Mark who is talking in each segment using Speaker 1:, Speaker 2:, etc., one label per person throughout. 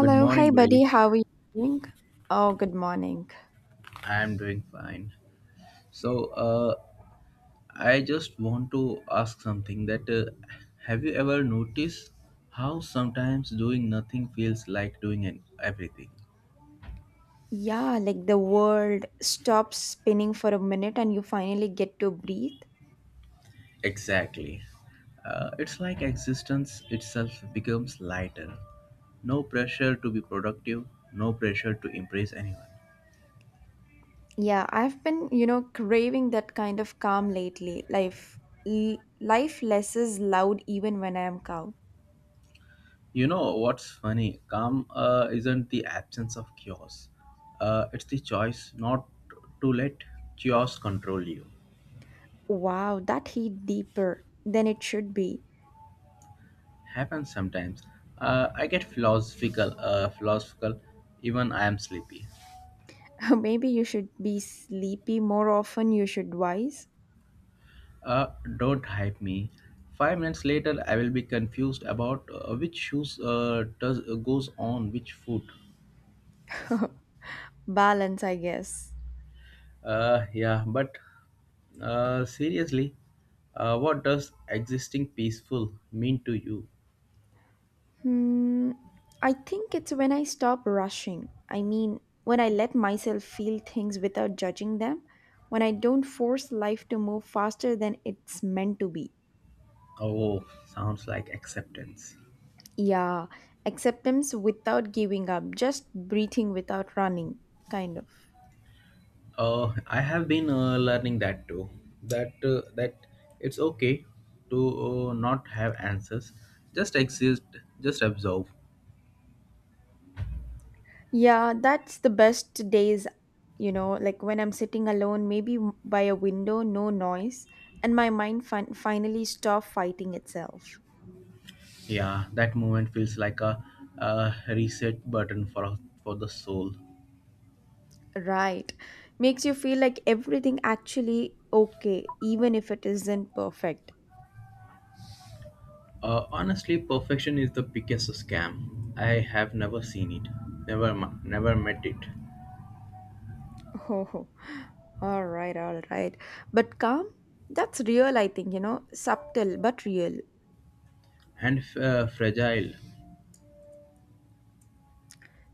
Speaker 1: Good
Speaker 2: hey
Speaker 1: morning, buddy.
Speaker 2: buddy, how are you doing? Oh, good morning.
Speaker 1: I am doing fine. So, I just want to ask something that, have you ever noticed how sometimes doing nothing feels like doing everything?
Speaker 2: Yeah, like the world stops spinning for a minute and you finally get to breathe.
Speaker 1: Exactly. It's like existence itself becomes lighter. No pressure to be productive, no pressure to impress anyone.
Speaker 2: Yeah, I've been, you know, craving that kind of calm lately. Life life less is loud even when I am calm.
Speaker 1: You know what's funny? Calm isn't the absence of chaos. It's the choice not to let chaos control you.
Speaker 2: Wow, that hit deeper than it should be.
Speaker 1: Happens sometimes. I get philosophical. Even I am sleepy.
Speaker 2: Maybe you should be sleepy more often, you should wise.
Speaker 1: Uh, don't hype me. 5 minutes later, I will be confused about which shoes does goes on which foot.
Speaker 2: Balance, I guess.
Speaker 1: Yeah, but seriously, what does existing peaceful mean to you?
Speaker 2: Hmm, I think it's when I stop rushing. I mean, when I let myself feel things without judging them, when I don't force life to move faster than it's meant to be.
Speaker 1: Oh, sounds like acceptance.
Speaker 2: Yeah, acceptance without giving up, just breathing without running, kind of.
Speaker 1: I have been learning that too. That it's okay to not have answers. Just exist. Just observe.
Speaker 2: Yeah, that's the best days, you know, like when I'm sitting alone, maybe by a window, no noise, and my mind finally stop fighting itself.
Speaker 1: Yeah, that moment feels like a reset button for the soul.
Speaker 2: Right. Makes you feel like everything actually okay, even if it isn't perfect.
Speaker 1: Honestly, perfection is the biggest scam. I have never seen it. Never met it.
Speaker 2: Oh, all right, all right. But calm, that's real, I think, you know, subtle but real.
Speaker 1: And fragile.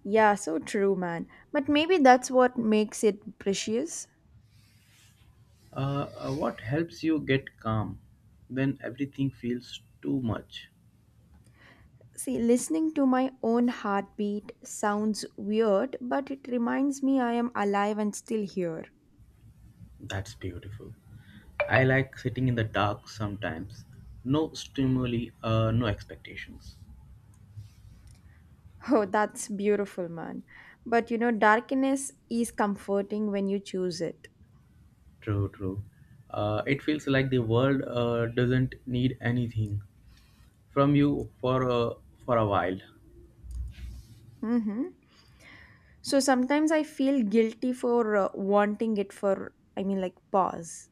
Speaker 2: Yeah, so true, man. But maybe that's what makes it precious.
Speaker 1: What helps you get calm when everything feels too much?
Speaker 2: See, listening to my own heartbeat sounds weird, but it reminds me I am alive and still here.
Speaker 1: That's beautiful. I like sitting in the dark sometimes. No stimuli, no expectations.
Speaker 2: Oh, that's beautiful, man. But you know, darkness is comforting when you choose it.
Speaker 1: True, true. It feels like the world doesn't need anything from you for a while.
Speaker 2: Mm-hmm. So sometimes I feel guilty for wanting it for, I mean, like, pause.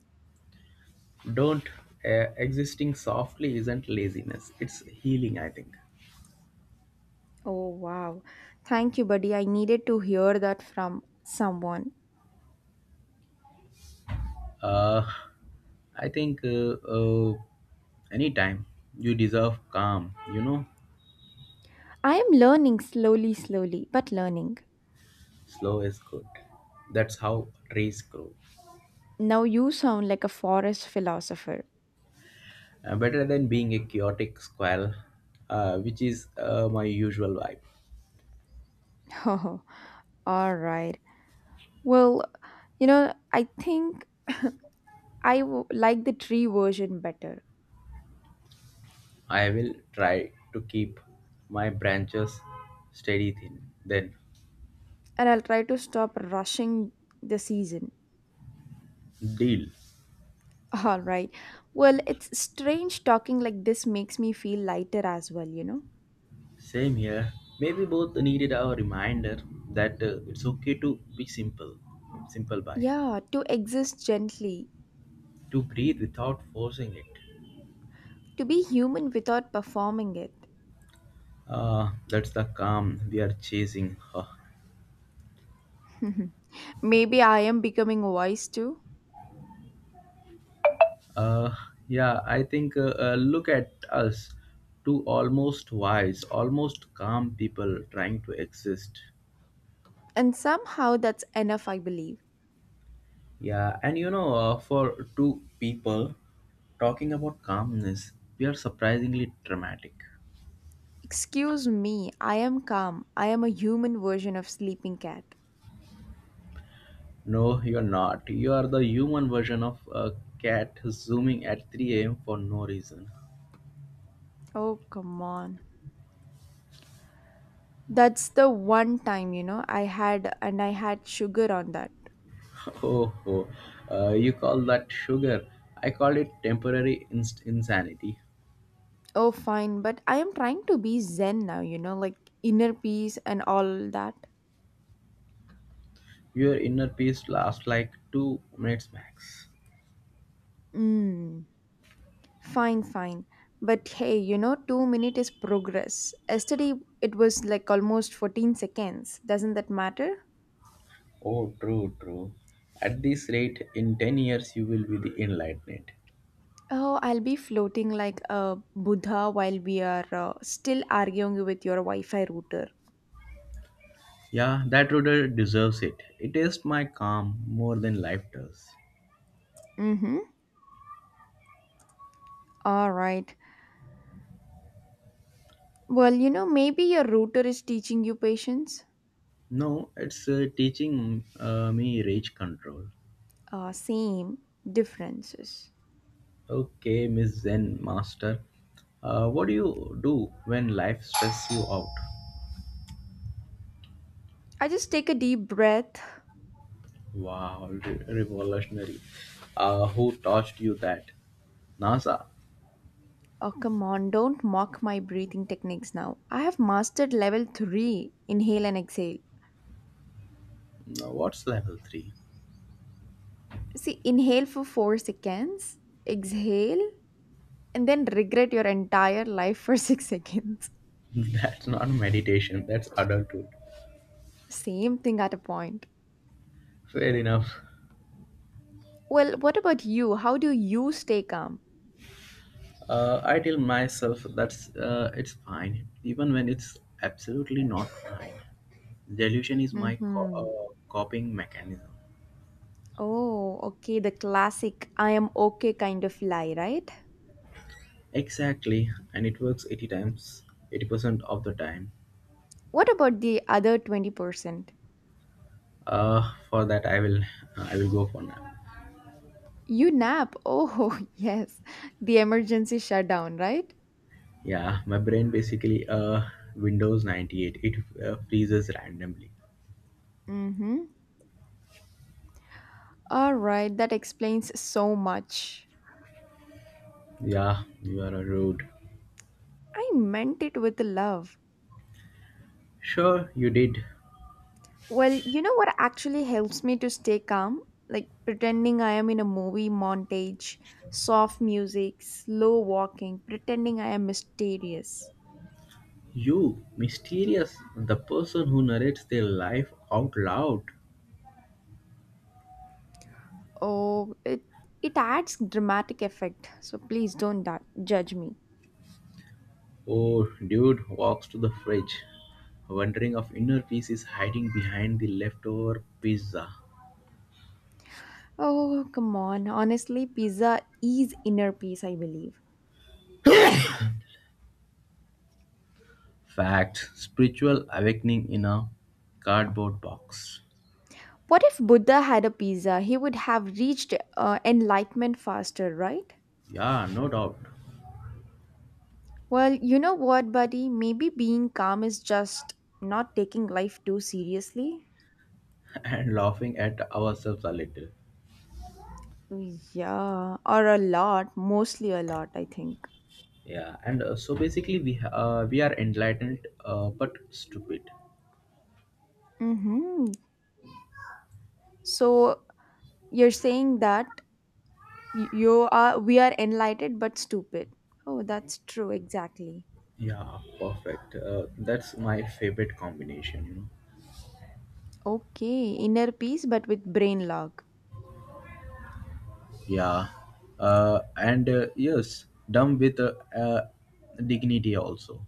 Speaker 1: Don't Existing softly isn't laziness. It's healing, I think.
Speaker 2: Oh, wow. Thank you, buddy. I needed to hear that from someone.
Speaker 1: Uh, I think uh, uh, Anytime you deserve calm, you know,
Speaker 2: I am learning slowly, slowly, but learning.
Speaker 1: slow is good. That's how trees grow.
Speaker 2: Now you sound like a forest philosopher.
Speaker 1: Better than being a chaotic squirrel, which is my usual vibe.
Speaker 2: Oh, all right. Well, you know, I think I like the tree version better,
Speaker 1: I will try to keep my branches steady thin. Then
Speaker 2: and I'll try to stop rushing the season.
Speaker 1: deal.
Speaker 2: All right. Well, it's strange talking like this makes me feel lighter as well, you know?
Speaker 1: Same here. Maybe both needed our reminder that it's okay to be simple, simple by,
Speaker 2: Yeah, to exist gently,
Speaker 1: to breathe without forcing it.
Speaker 2: to be human without performing it.
Speaker 1: That's the calm we are chasing. Huh.
Speaker 2: Maybe I am becoming wise too.
Speaker 1: Uh, yeah, I think Look at us, two almost wise, almost calm people trying to exist.
Speaker 2: And somehow that's enough, I believe.
Speaker 1: Yeah, and you know, for two people talking about calmness, we are surprisingly dramatic.
Speaker 2: Excuse me, I am calm. I am a human version of Sleeping Cat.
Speaker 1: No, you're not. You are the human version of a cat zooming at 3 a.m. for no reason.
Speaker 2: Oh, come on. That's the one time, you know, I had, and I had sugar on that.
Speaker 1: Oh, oh. You call that sugar? I call it temporary insanity.
Speaker 2: Oh, fine, but I am trying to be zen now, you know, like inner peace and all that.
Speaker 1: Your inner peace lasts like 2 minutes max.
Speaker 2: Mm. Fine, fine. But hey, you know, two minute is progress. Yesterday it was like almost 14 seconds. Doesn't that matter?
Speaker 1: Oh, true, true. At this rate, in 10 years, you will be the enlightened.
Speaker 2: Oh, I'll be floating like a Buddha while we are still arguing with your Wi Fi router.
Speaker 1: Yeah, that order deserves it. It tastes my calm more than life does.
Speaker 2: Mm hmm. All right. Well, you know, maybe your router is teaching you patience.
Speaker 1: No, it's teaching me rage control.
Speaker 2: Same differences.
Speaker 1: Okay, Miss Zen Master. What do you do when life stresses you out?
Speaker 2: I just take a deep breath.
Speaker 1: Wow, revolutionary. Who taught you that? NASA.
Speaker 2: Oh, come on, don't mock my breathing techniques now. I have mastered level 3 inhale and exhale.
Speaker 1: No, what's level 3?
Speaker 2: See, inhale for 4 seconds, exhale, and then regret your entire life for 6 seconds.
Speaker 1: That's not meditation, that's adulthood.
Speaker 2: Same thing at a point.
Speaker 1: Fair enough.
Speaker 2: Well, what about you? How do you stay calm?
Speaker 1: I tell myself that's it's fine, even when it's absolutely not fine. Delusion is my co-
Speaker 2: Mm-hmm.
Speaker 1: uh, coping mechanism.
Speaker 2: Oh, okay, the classic I am okay kind of lie, right?
Speaker 1: Exactly, and it works 80 times, 80% of the time.
Speaker 2: What about the other 20%?
Speaker 1: For that, I will go for now.
Speaker 2: You nap. Oh, yes. The emergency shutdown, right?
Speaker 1: Yeah, my brain basically Windows 98. It freezes randomly.
Speaker 2: Mm-hmm. All right, that explains so much.
Speaker 1: Yeah, you are a rude.
Speaker 2: I meant it with love.
Speaker 1: Sure, you did.
Speaker 2: Well, you know what actually helps me to stay calm? Like pretending I am in a movie montage, soft music, slow walking, pretending I am mysterious.
Speaker 1: You, mysterious, the person who narrates their life out loud.
Speaker 2: Oh, it adds dramatic effect. So please don't judge me.
Speaker 1: Oh, dude walks to the fridge, wondering if inner peace is hiding behind the leftover pizza.
Speaker 2: Oh, come on. Honestly, pizza is inner peace, I believe.
Speaker 1: Fact, spiritual awakening in a cardboard box.
Speaker 2: What if Buddha had a pizza? He would have reached enlightenment faster, right?
Speaker 1: Yeah, no doubt.
Speaker 2: Well, you know what, buddy? Maybe being calm is just not taking life too seriously.
Speaker 1: And laughing at ourselves a little.
Speaker 2: Yeah, or a lot, mostly a lot, I think.
Speaker 1: Yeah, and so basically we are enlightened but stupid.
Speaker 2: Mm-hmm. So you're saying that you are we are enlightened but stupid. Oh, that's true, exactly.
Speaker 1: Yeah, perfect. That's my favorite combination, you know.
Speaker 2: Okay, inner peace but with brain log.
Speaker 1: Yeah, and yes, dumb with dignity also.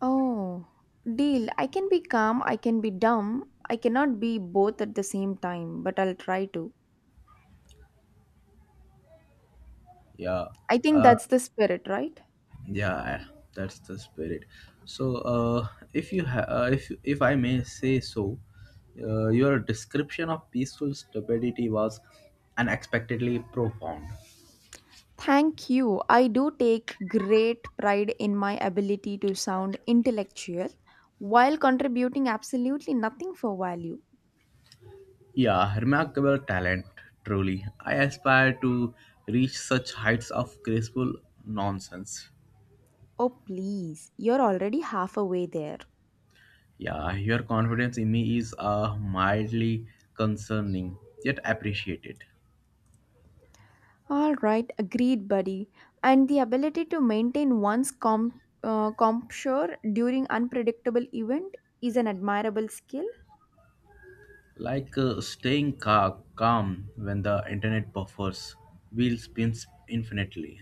Speaker 2: Oh, deal. I can be calm, I can be dumb. I cannot be both at the same time, but I'll try to.
Speaker 1: Yeah,
Speaker 2: I think
Speaker 1: uh,
Speaker 2: that's the spirit, right?
Speaker 1: yeah, that's the spirit. So if you ha- if I may say so, your description of peaceful stupidity was unexpectedly profound.
Speaker 2: Thank you. I do take great pride in my ability to sound intellectual while contributing absolutely nothing for value.
Speaker 1: Yeah, remarkable talent, truly. I aspire to reach such heights of graceful nonsense.
Speaker 2: Oh, please. You're already halfway there.
Speaker 1: Yeah, your confidence in me is mildly concerning, yet appreciated.
Speaker 2: All right, agreed, buddy. And the ability to maintain one's composure during unpredictable event is an admirable skill.
Speaker 1: Like calm when the internet buffers, wheel spins infinitely.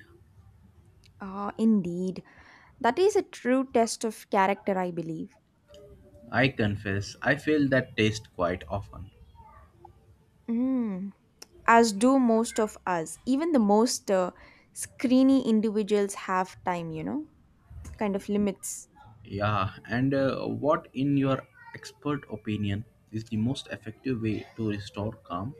Speaker 2: Ah, indeed, that is a true test of character, I believe.
Speaker 1: I confess, I fail that taste quite often.
Speaker 2: Mm. As do most of us, even the most screeny individuals have time, you know, kind of limits.
Speaker 1: Yeah, and what, in your expert opinion, is the most effective way to restore calm?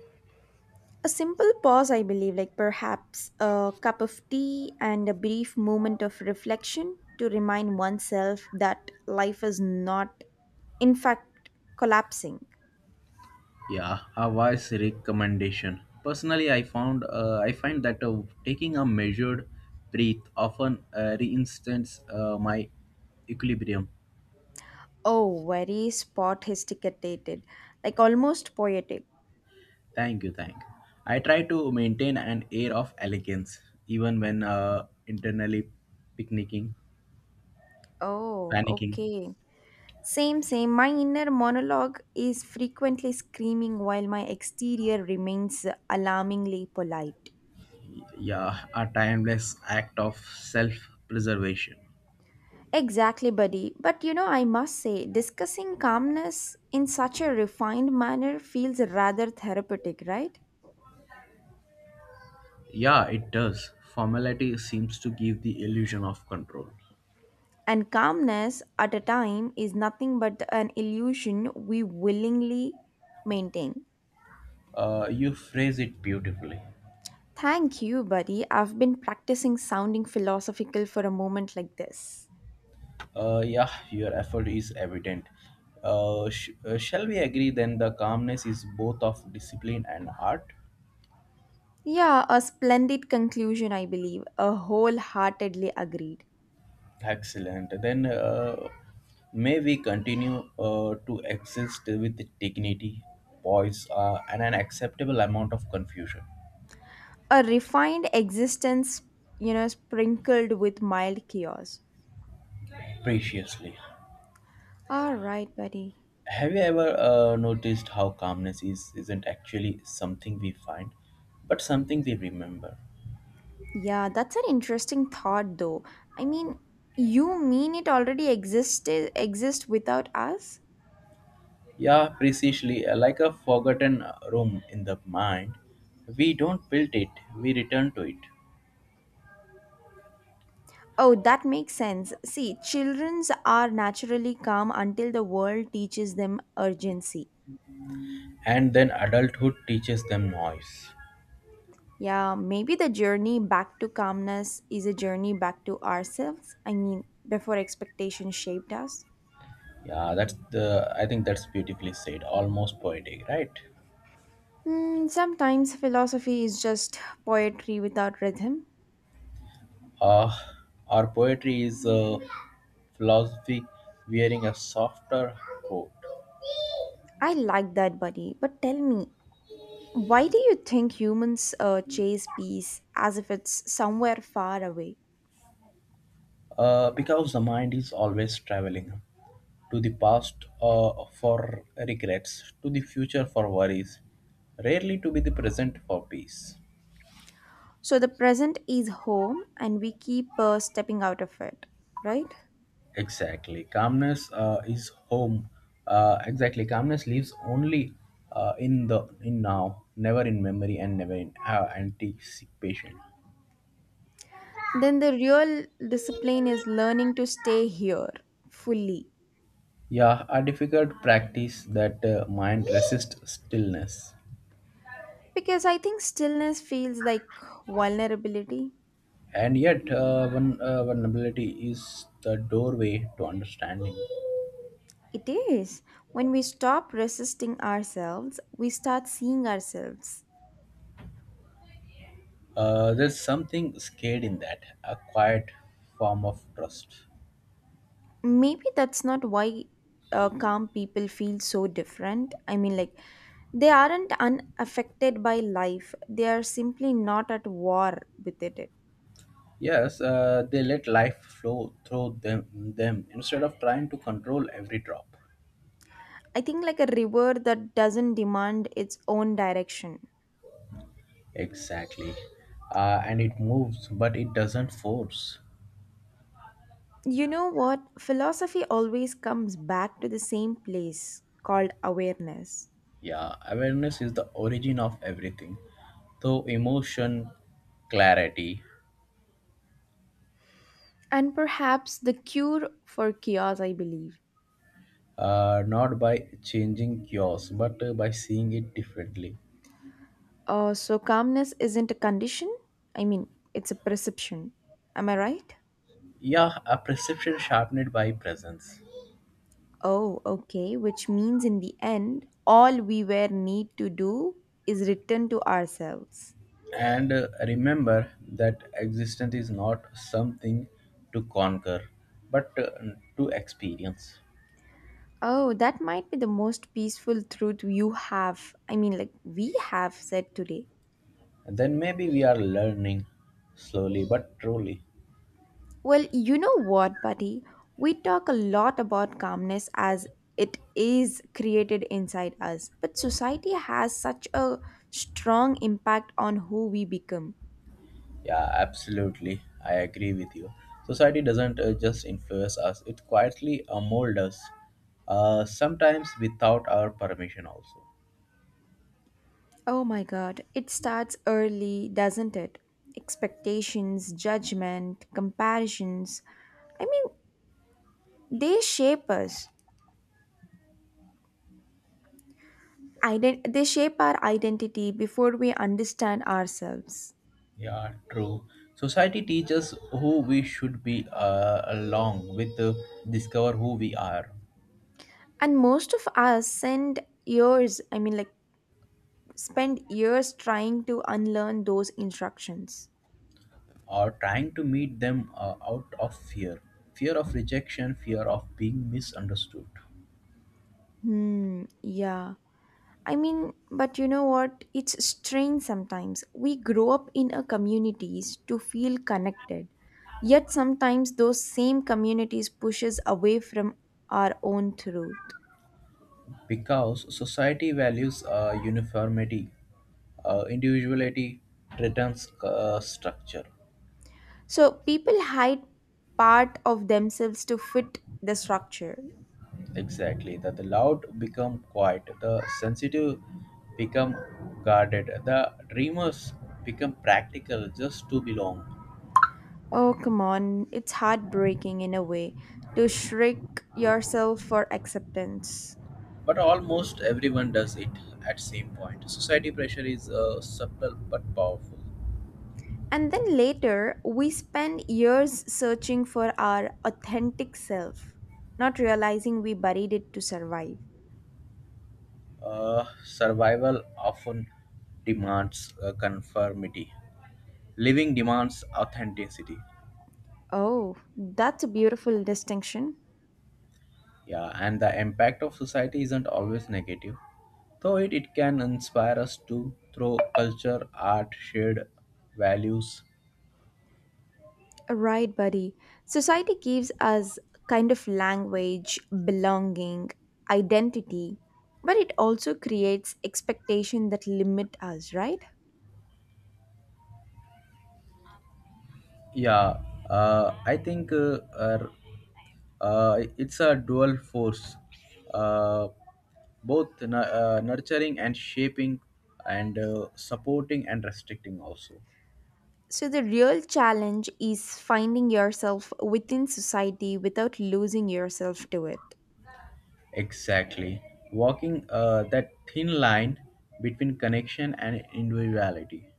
Speaker 2: A simple pause, I believe, like perhaps a cup of tea and a brief moment of reflection to remind oneself that life is not, in fact, collapsing.
Speaker 1: Yeah, a wise recommendation. Personally, I find that taking a measured breath often reinstates my equilibrium.
Speaker 2: Oh, very spot hesticatated, like almost poetic.
Speaker 1: Thank you, thank you. I try to maintain an air of elegance even when internally picnicking,
Speaker 2: Oh,
Speaker 1: panicking.
Speaker 2: okay. Same, same. My inner monologue is frequently screaming while my exterior remains alarmingly polite.
Speaker 1: Yeah, a timeless act of self-preservation.
Speaker 2: Exactly, buddy. But you know, I must say, discussing calmness in such a refined manner feels rather therapeutic, right?
Speaker 1: Yeah, it does. Formality seems to give the illusion of control.
Speaker 2: And calmness at a time is nothing but an illusion we willingly maintain.
Speaker 1: You phrase it beautifully.
Speaker 2: Thank you, buddy. I've been practicing sounding philosophical for a moment like this.
Speaker 1: Yeah, your effort is evident. Shall we agree then the calmness is both of discipline and art?
Speaker 2: Yeah, a splendid conclusion, I believe. A wholeheartedly agreed.
Speaker 1: Excellent. Then may we continue to exist with dignity, poise, and an acceptable amount of confusion.
Speaker 2: A refined existence, you know, sprinkled with mild chaos.
Speaker 1: Preciously.
Speaker 2: All right, buddy.
Speaker 1: Have you ever noticed how calmness is isn't actually something we find, but something we remember?
Speaker 2: Yeah, that's an interesting thought though. I mean, you mean it already existed exist without us?
Speaker 1: Yeah, precisely. Like a forgotten room in the mind, we don't build it, we return to it.
Speaker 2: Oh, that makes sense. See, childrens are naturally calm until the world teaches them urgency.
Speaker 1: And then adulthood teaches them noise.
Speaker 2: Yeah, maybe the journey back to calmness is a journey back to ourselves. I mean, before expectation shaped us.
Speaker 1: Yeah, I think that's beautifully said, almost poetic, right?
Speaker 2: Hmm, sometimes philosophy is just poetry without rhythm.
Speaker 1: Uh, our poetry is philosophy wearing a softer coat.
Speaker 2: I like that, buddy. But tell me, why do you think humans chase peace as if it's somewhere far away?
Speaker 1: Because the mind is always traveling to the past for regrets, to the future for worries, rarely to be the present for peace.
Speaker 2: So the present is home and we keep stepping out of it, right?
Speaker 1: Exactly. Calmness is home. Exactly. Calmness lives only in now, never in memory and never in anticipation.
Speaker 2: Then the real discipline is learning to stay here fully.
Speaker 1: Yeah, a difficult practice that mind resists stillness.
Speaker 2: Because I think stillness feels like vulnerability.
Speaker 1: And yet, vulnerability is the doorway to understanding.
Speaker 2: It is. When we stop resisting ourselves, we start seeing ourselves.
Speaker 1: There's something scared in that, a quiet form of trust.
Speaker 2: Maybe that's not why calm people feel so different. I mean, like, they aren't unaffected by life, they are simply not at war with it.
Speaker 1: Yes, they let life flow through them instead of trying to control every drop.
Speaker 2: I think, like, a river that doesn't demand its own direction.
Speaker 1: Exactly. And it moves, but it doesn't force.
Speaker 2: You know what? Philosophy always comes back to the same place called awareness.
Speaker 1: Yeah, awareness is the origin of everything. Though emotion, clarity,
Speaker 2: And perhaps the cure for chaos, I believe.
Speaker 1: not by changing yours, but by seeing it differently.
Speaker 2: So, calmness isn't a condition, I mean, it's a perception. Am I right?
Speaker 1: Yeah, a perception sharpened by presence.
Speaker 2: Oh, okay. Which means in the end, all we were need to do is return to ourselves.
Speaker 1: And remember that existence is not something to conquer, but to experience.
Speaker 2: Oh, that might be the most peaceful truth you have, I mean, like we have said today.
Speaker 1: And then maybe we are learning slowly but truly.
Speaker 2: Well, you know what, buddy? We talk a lot about calmness as it is created inside us, but society has such a strong impact on who we become.
Speaker 1: Yeah, absolutely. I agree with you. Society doesn't just influence us, it quietly molds us, sometimes without our permission, also.
Speaker 2: Oh my God, it starts early, doesn't it? Expectations, judgment, comparisons. I mean, they shape us. They shape our identity before we understand ourselves.
Speaker 1: Yeah, true. Society teaches who we should be, along with discover who we are
Speaker 2: And most of us send years, I mean, like, spend years trying to unlearn those instructions.
Speaker 1: or trying to meet them out of fear. Fear of rejection, fear of being misunderstood.
Speaker 2: Hmm, yeah. I mean, but you know what? It's strange sometimes. We grow up in a communities to feel connected. Yet sometimes those same communities pushes away from our own truth.
Speaker 1: Because society values uniformity, individuality, threatens structure.
Speaker 2: So people hide part of themselves to fit the structure.
Speaker 1: Exactly. That the loud become quiet, the sensitive become guarded, the dreamers become practical just to belong.
Speaker 2: Oh, come on. It's heartbreaking in a way to shrink yourself for acceptance.
Speaker 1: But almost everyone does it at same point. Society pressure is subtle but powerful.
Speaker 2: And then later, we spend years searching for our authentic self, not realizing we buried it to survive.
Speaker 1: Survival often demands conformity. Living demands authenticity.
Speaker 2: Oh, that's a beautiful distinction.
Speaker 1: Yeah, and the impact of society isn't always negative, though it can inspire us to through culture, art, shared values.
Speaker 2: Right, buddy. Society gives us kind of language, belonging, identity, but it also creates expectation that limit us, right?
Speaker 1: Yeah, I think it's a dual force, uh, both nurturing and shaping, and supporting and restricting also.
Speaker 2: So the real challenge is finding yourself within society without losing yourself to it.
Speaker 1: Exactly, walking that thin line between connection and individuality.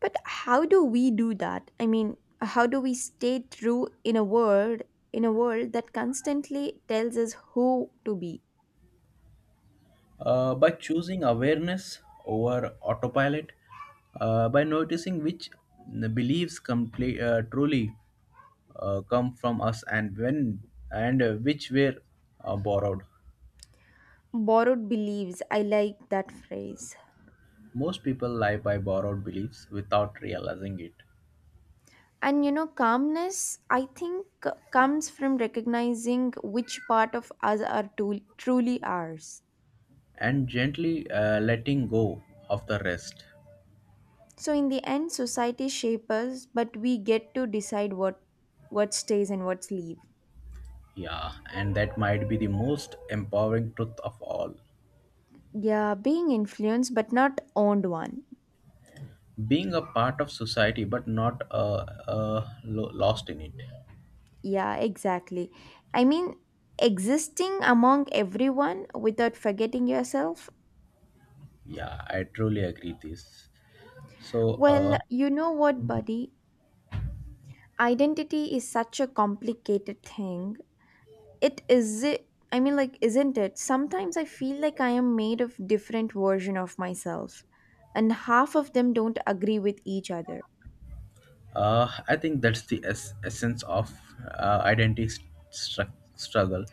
Speaker 2: But how do we do that? I mean, how do we stay true in a world that constantly tells us who to be?
Speaker 1: By choosing awareness over autopilot, by noticing which beliefs truly come from us and which were borrowed.
Speaker 2: Borrowed beliefs. I like that phrase.
Speaker 1: Most people live by borrowed beliefs without realizing it
Speaker 2: And you know, calmness, I think, comes from recognizing which part of us are truly ours.
Speaker 1: and gently letting go of the rest.
Speaker 2: So, in the end, society shapes us, but we get to decide what stays and what's leave.
Speaker 1: Yeah, and that might be the most empowering truth of all.
Speaker 2: Yeah, being influenced, but not owned one.
Speaker 1: Being a part of society but not lost in it.
Speaker 2: Yeah, exactly. I mean, existing among everyone without forgetting yourself.
Speaker 1: Yeah, I truly agree this. So, uh,
Speaker 2: Well, you know what, buddy? Identity is such a complicated thing. It is it I mean like isn't it? Sometimes I feel like I am made of different version of myself and half of them don't agree with each other.
Speaker 1: uh, I think that's the essence of identity struggle.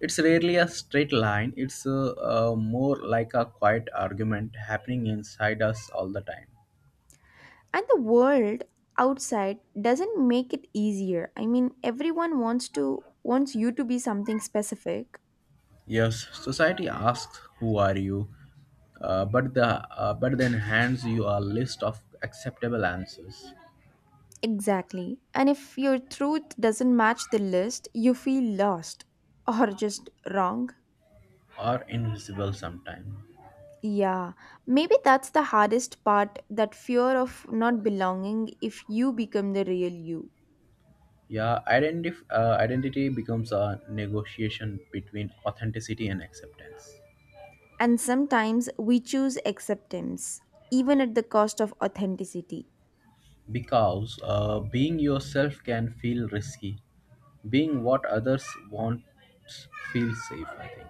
Speaker 1: It's rarely a straight line. It's more like a quiet argument happening inside us all the time.
Speaker 2: And the world outside doesn't make it easier. I mean, everyone wants you to be something specific.
Speaker 1: Yes, society asks, "Who are you?" But the but then hands you a list of acceptable answers,
Speaker 2: Exactly. And if your truth doesn't match the list, you feel lost or just wrong.
Speaker 1: or invisible sometimes.
Speaker 2: Yeah, maybe that's the hardest part that fear of not belonging if you become the real you.
Speaker 1: Yeah, identity becomes a negotiation between authenticity and acceptance.
Speaker 2: And sometimes we choose acceptance, even at the cost of authenticity.
Speaker 1: Because being yourself can feel risky, being what others want feels safe, I think.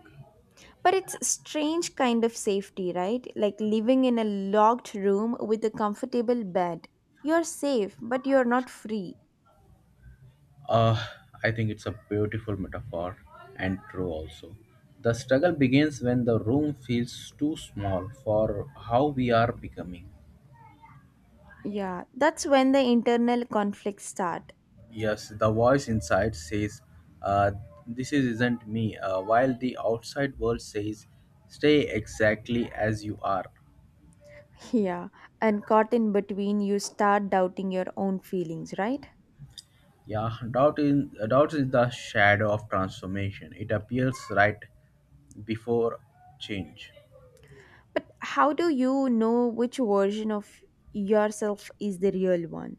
Speaker 2: But it's strange kind of safety, right? Like living in a locked room with a comfortable bed. You're safe, but you're not free.
Speaker 1: Uh, I think it's a beautiful metaphor and true also. The struggle begins when the room feels too small for how we are becoming.
Speaker 2: Yeah, that's when the internal conflicts start.
Speaker 1: Yes, the voice inside says, uh, "This isn't me," while the outside world says, "Stay exactly as you are."
Speaker 2: Yeah, and caught in between, you start doubting your own feelings, right?
Speaker 1: Yeah, doubt is the shadow of transformation. It appears right before change.
Speaker 2: But how do you know which version of yourself is the real one?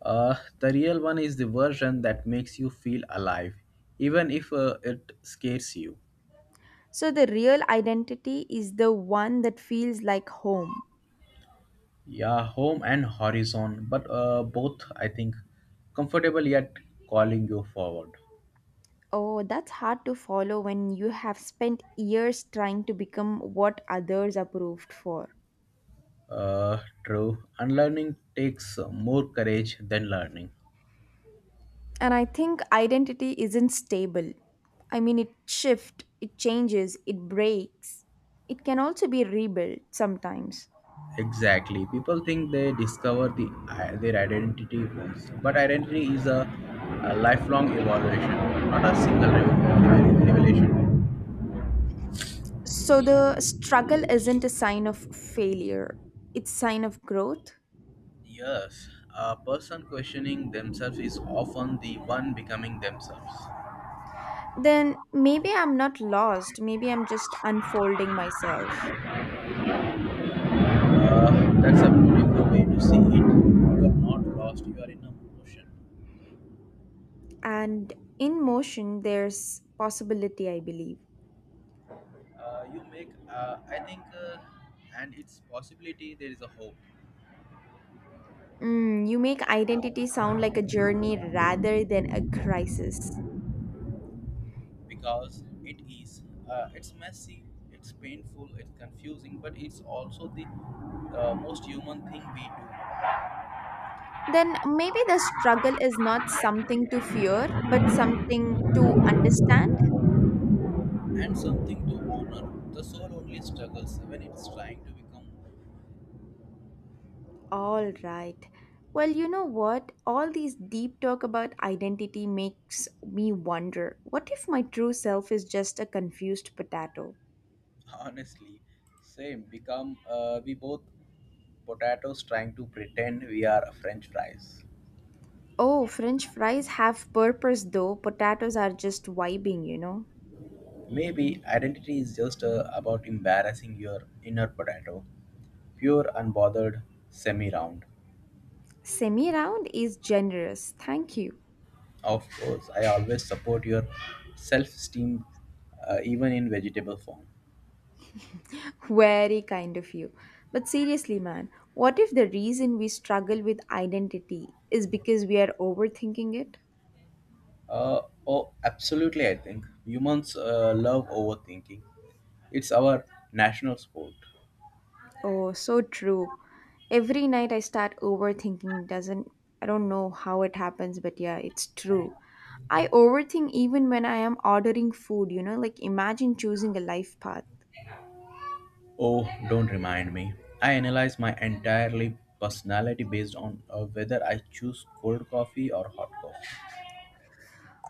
Speaker 1: The real one is the version that makes you feel alive, even if it scares you.
Speaker 2: So, the real identity is the one that feels like home.
Speaker 1: Yeah, home and horizon, but both, I think, comfortable yet calling you forward.
Speaker 2: Oh, that's hard to follow when you have spent years trying to become what others approved for.
Speaker 1: True. Unlearning takes more courage than learning.
Speaker 2: And I think identity isn't stable. I mean, it shifts, it changes, it breaks. It can also be rebuilt sometimes.
Speaker 1: Exactly. People think they discover their identity once, but identity is a lifelong evaluation, not a single revelation.
Speaker 2: So the struggle isn't a sign of failure, it's sign of growth.
Speaker 1: Yes, a person questioning themselves is often the one becoming themselves.
Speaker 2: Then maybe I'm not lost, maybe I'm just unfolding myself.
Speaker 1: That's a beautiful way to see it. You are not lost. You are in a motion.
Speaker 2: And in motion, there's possibility, I believe.
Speaker 1: You make I think And its possibility there is a hope
Speaker 2: Mm, you make identity sound like a journey rather than a crisis.
Speaker 1: because it is it's messy, it's painful, it's confusing, but it's also the most human thing we do
Speaker 2: Then maybe the struggle is not something to fear, but something to understand.
Speaker 1: and something to honor. The soul only struggles when it's trying to become more.
Speaker 2: All right. Well, you know what? All these deep talk about identity makes me wonder what if my true self is just a confused potato?
Speaker 1: Honestly, same become we both potatoes trying to pretend we are french fries.
Speaker 2: Oh, French fries have purpose though, potatoes are just vibing, you know.
Speaker 1: Maybe identity is just about embarrassing your inner potato. Pure, unbothered, semi round.
Speaker 2: Semi round is generous. Thank you.
Speaker 1: Of course, I always support your self esteem, even in vegetable form.
Speaker 2: Very kind of you. But seriously, man, what if the reason we struggle with identity is because we are overthinking it?
Speaker 1: Oh, absolutely, I think. Humans love overthinking, it's our national sport.
Speaker 2: Oh, so true. Every night I start overthinking, doesn't I don't know how it happens, but yeah, it's true. I overthink even when I am ordering food, you know, like imagine choosing a life path.
Speaker 1: Oh, don't remind me. I analyze my entirely personality based on whether I choose cold coffee or hot coffee.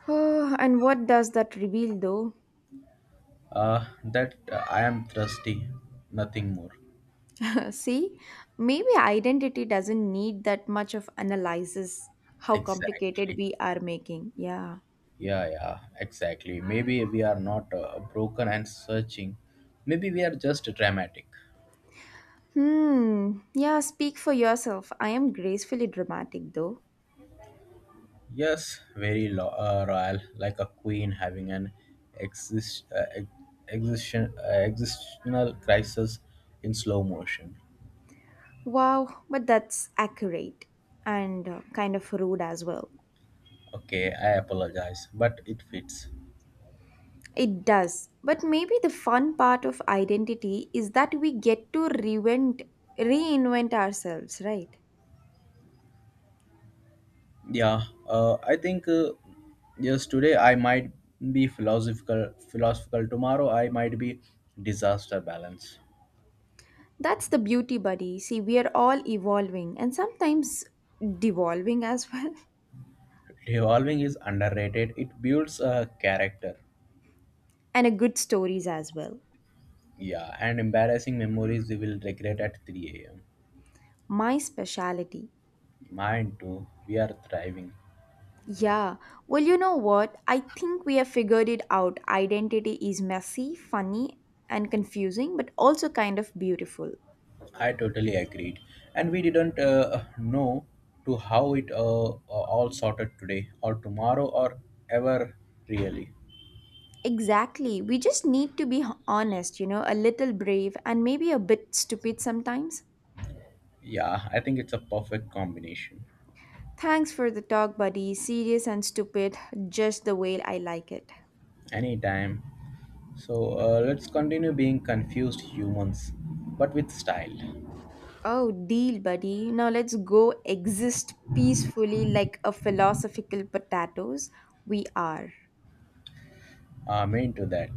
Speaker 2: Oh, and what does that reveal though?
Speaker 1: That I am thirsty, nothing more.
Speaker 2: See, maybe identity doesn't need that much of analysis, how complicated
Speaker 1: Exactly.
Speaker 2: we are making. Yeah.
Speaker 1: Yeah, yeah, exactly. Maybe we are not broken and searching. Maybe we are just dramatic.
Speaker 2: Hmm. Yeah, speak for yourself. I am gracefully dramatic, though.
Speaker 1: Yes, very royal, like a queen having an existential crisis in slow motion.
Speaker 2: Wow, but that's accurate and kind of rude as well.
Speaker 1: Okay, I apologize, but it fits.
Speaker 2: It does. But maybe the fun part of identity is that we get to reinvent ourselves, right?
Speaker 1: Yeah, I think yes, today I might be philosophical. Tomorrow I might be disaster balance.
Speaker 2: That's the beauty, buddy. See, we are all evolving and sometimes devolving as well.
Speaker 1: Evolving is underrated. It builds a character.
Speaker 2: And a good stories as well.
Speaker 1: Yeah, and embarrassing memories we will regret at 3 a.m.
Speaker 2: My specialty.
Speaker 1: Mine too. We are thriving.
Speaker 2: Yeah, well, you know what? I think we have figured it out. Identity is messy, funny, and confusing, but also kind of beautiful.
Speaker 1: I totally agreed. And we didn't know to how it uh, all sorted today or tomorrow or ever really.
Speaker 2: Exactly. We just need to be honest, you know, a little brave and maybe a bit stupid sometimes.
Speaker 1: Yeah, I think it's a perfect combination.
Speaker 2: Thanks for the talk, buddy. Serious and stupid, just the way I like it.
Speaker 1: Anytime. So, let's continue being confused humans, but with style.
Speaker 2: Oh, deal, buddy. Now let's go exist peacefully like a philosophical potatoes. We are.
Speaker 1: Amen to that.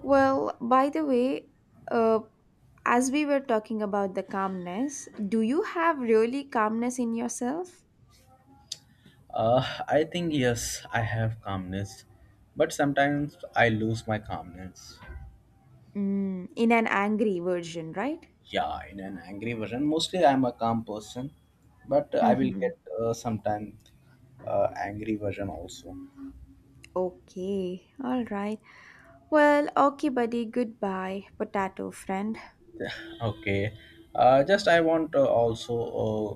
Speaker 2: Well, by the way, uh, as we were talking about the calmness, do you have really calmness in yourself?
Speaker 1: Uh, I think yes, I have calmness, but sometimes I lose my calmness.
Speaker 2: Mm, in an angry version, right?
Speaker 1: Yeah, in an angry version. Mostly I'm a calm person, but I will
Speaker 2: Mm-hmm.
Speaker 1: get sometime angry version also.
Speaker 2: Okay, all right. Well, okay, buddy. Goodbye, potato friend.
Speaker 1: Okay, just I want also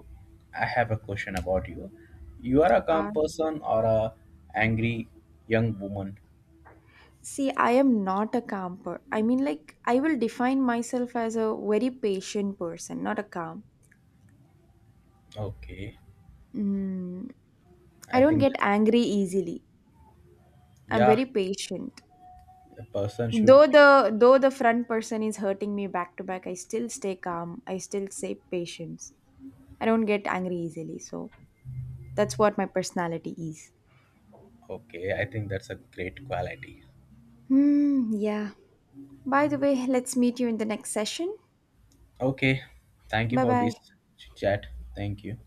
Speaker 1: I have a question about you. You are a calm
Speaker 2: Ah.
Speaker 1: person or a angry young woman?
Speaker 2: See, I am not a camper. I mean, like, I will define myself as a very patient person, not a calm.
Speaker 1: Okay,
Speaker 2: Mm,
Speaker 1: I
Speaker 2: I don't
Speaker 1: think that
Speaker 2: get angry easily. I'm
Speaker 1: yeah,
Speaker 2: very patient.
Speaker 1: a person should
Speaker 2: Though
Speaker 1: be.
Speaker 2: the though the front person is hurting me back to back, I still stay calm. I still stay patience. I don't get angry easily. So that's what my personality is.
Speaker 1: Okay, I think that's a great quality.
Speaker 2: Hmm. Yeah. By the way, let's meet you in the next session.
Speaker 1: Okay. Thank you
Speaker 2: Bye
Speaker 1: for this
Speaker 2: bye.
Speaker 1: chat. Thank you.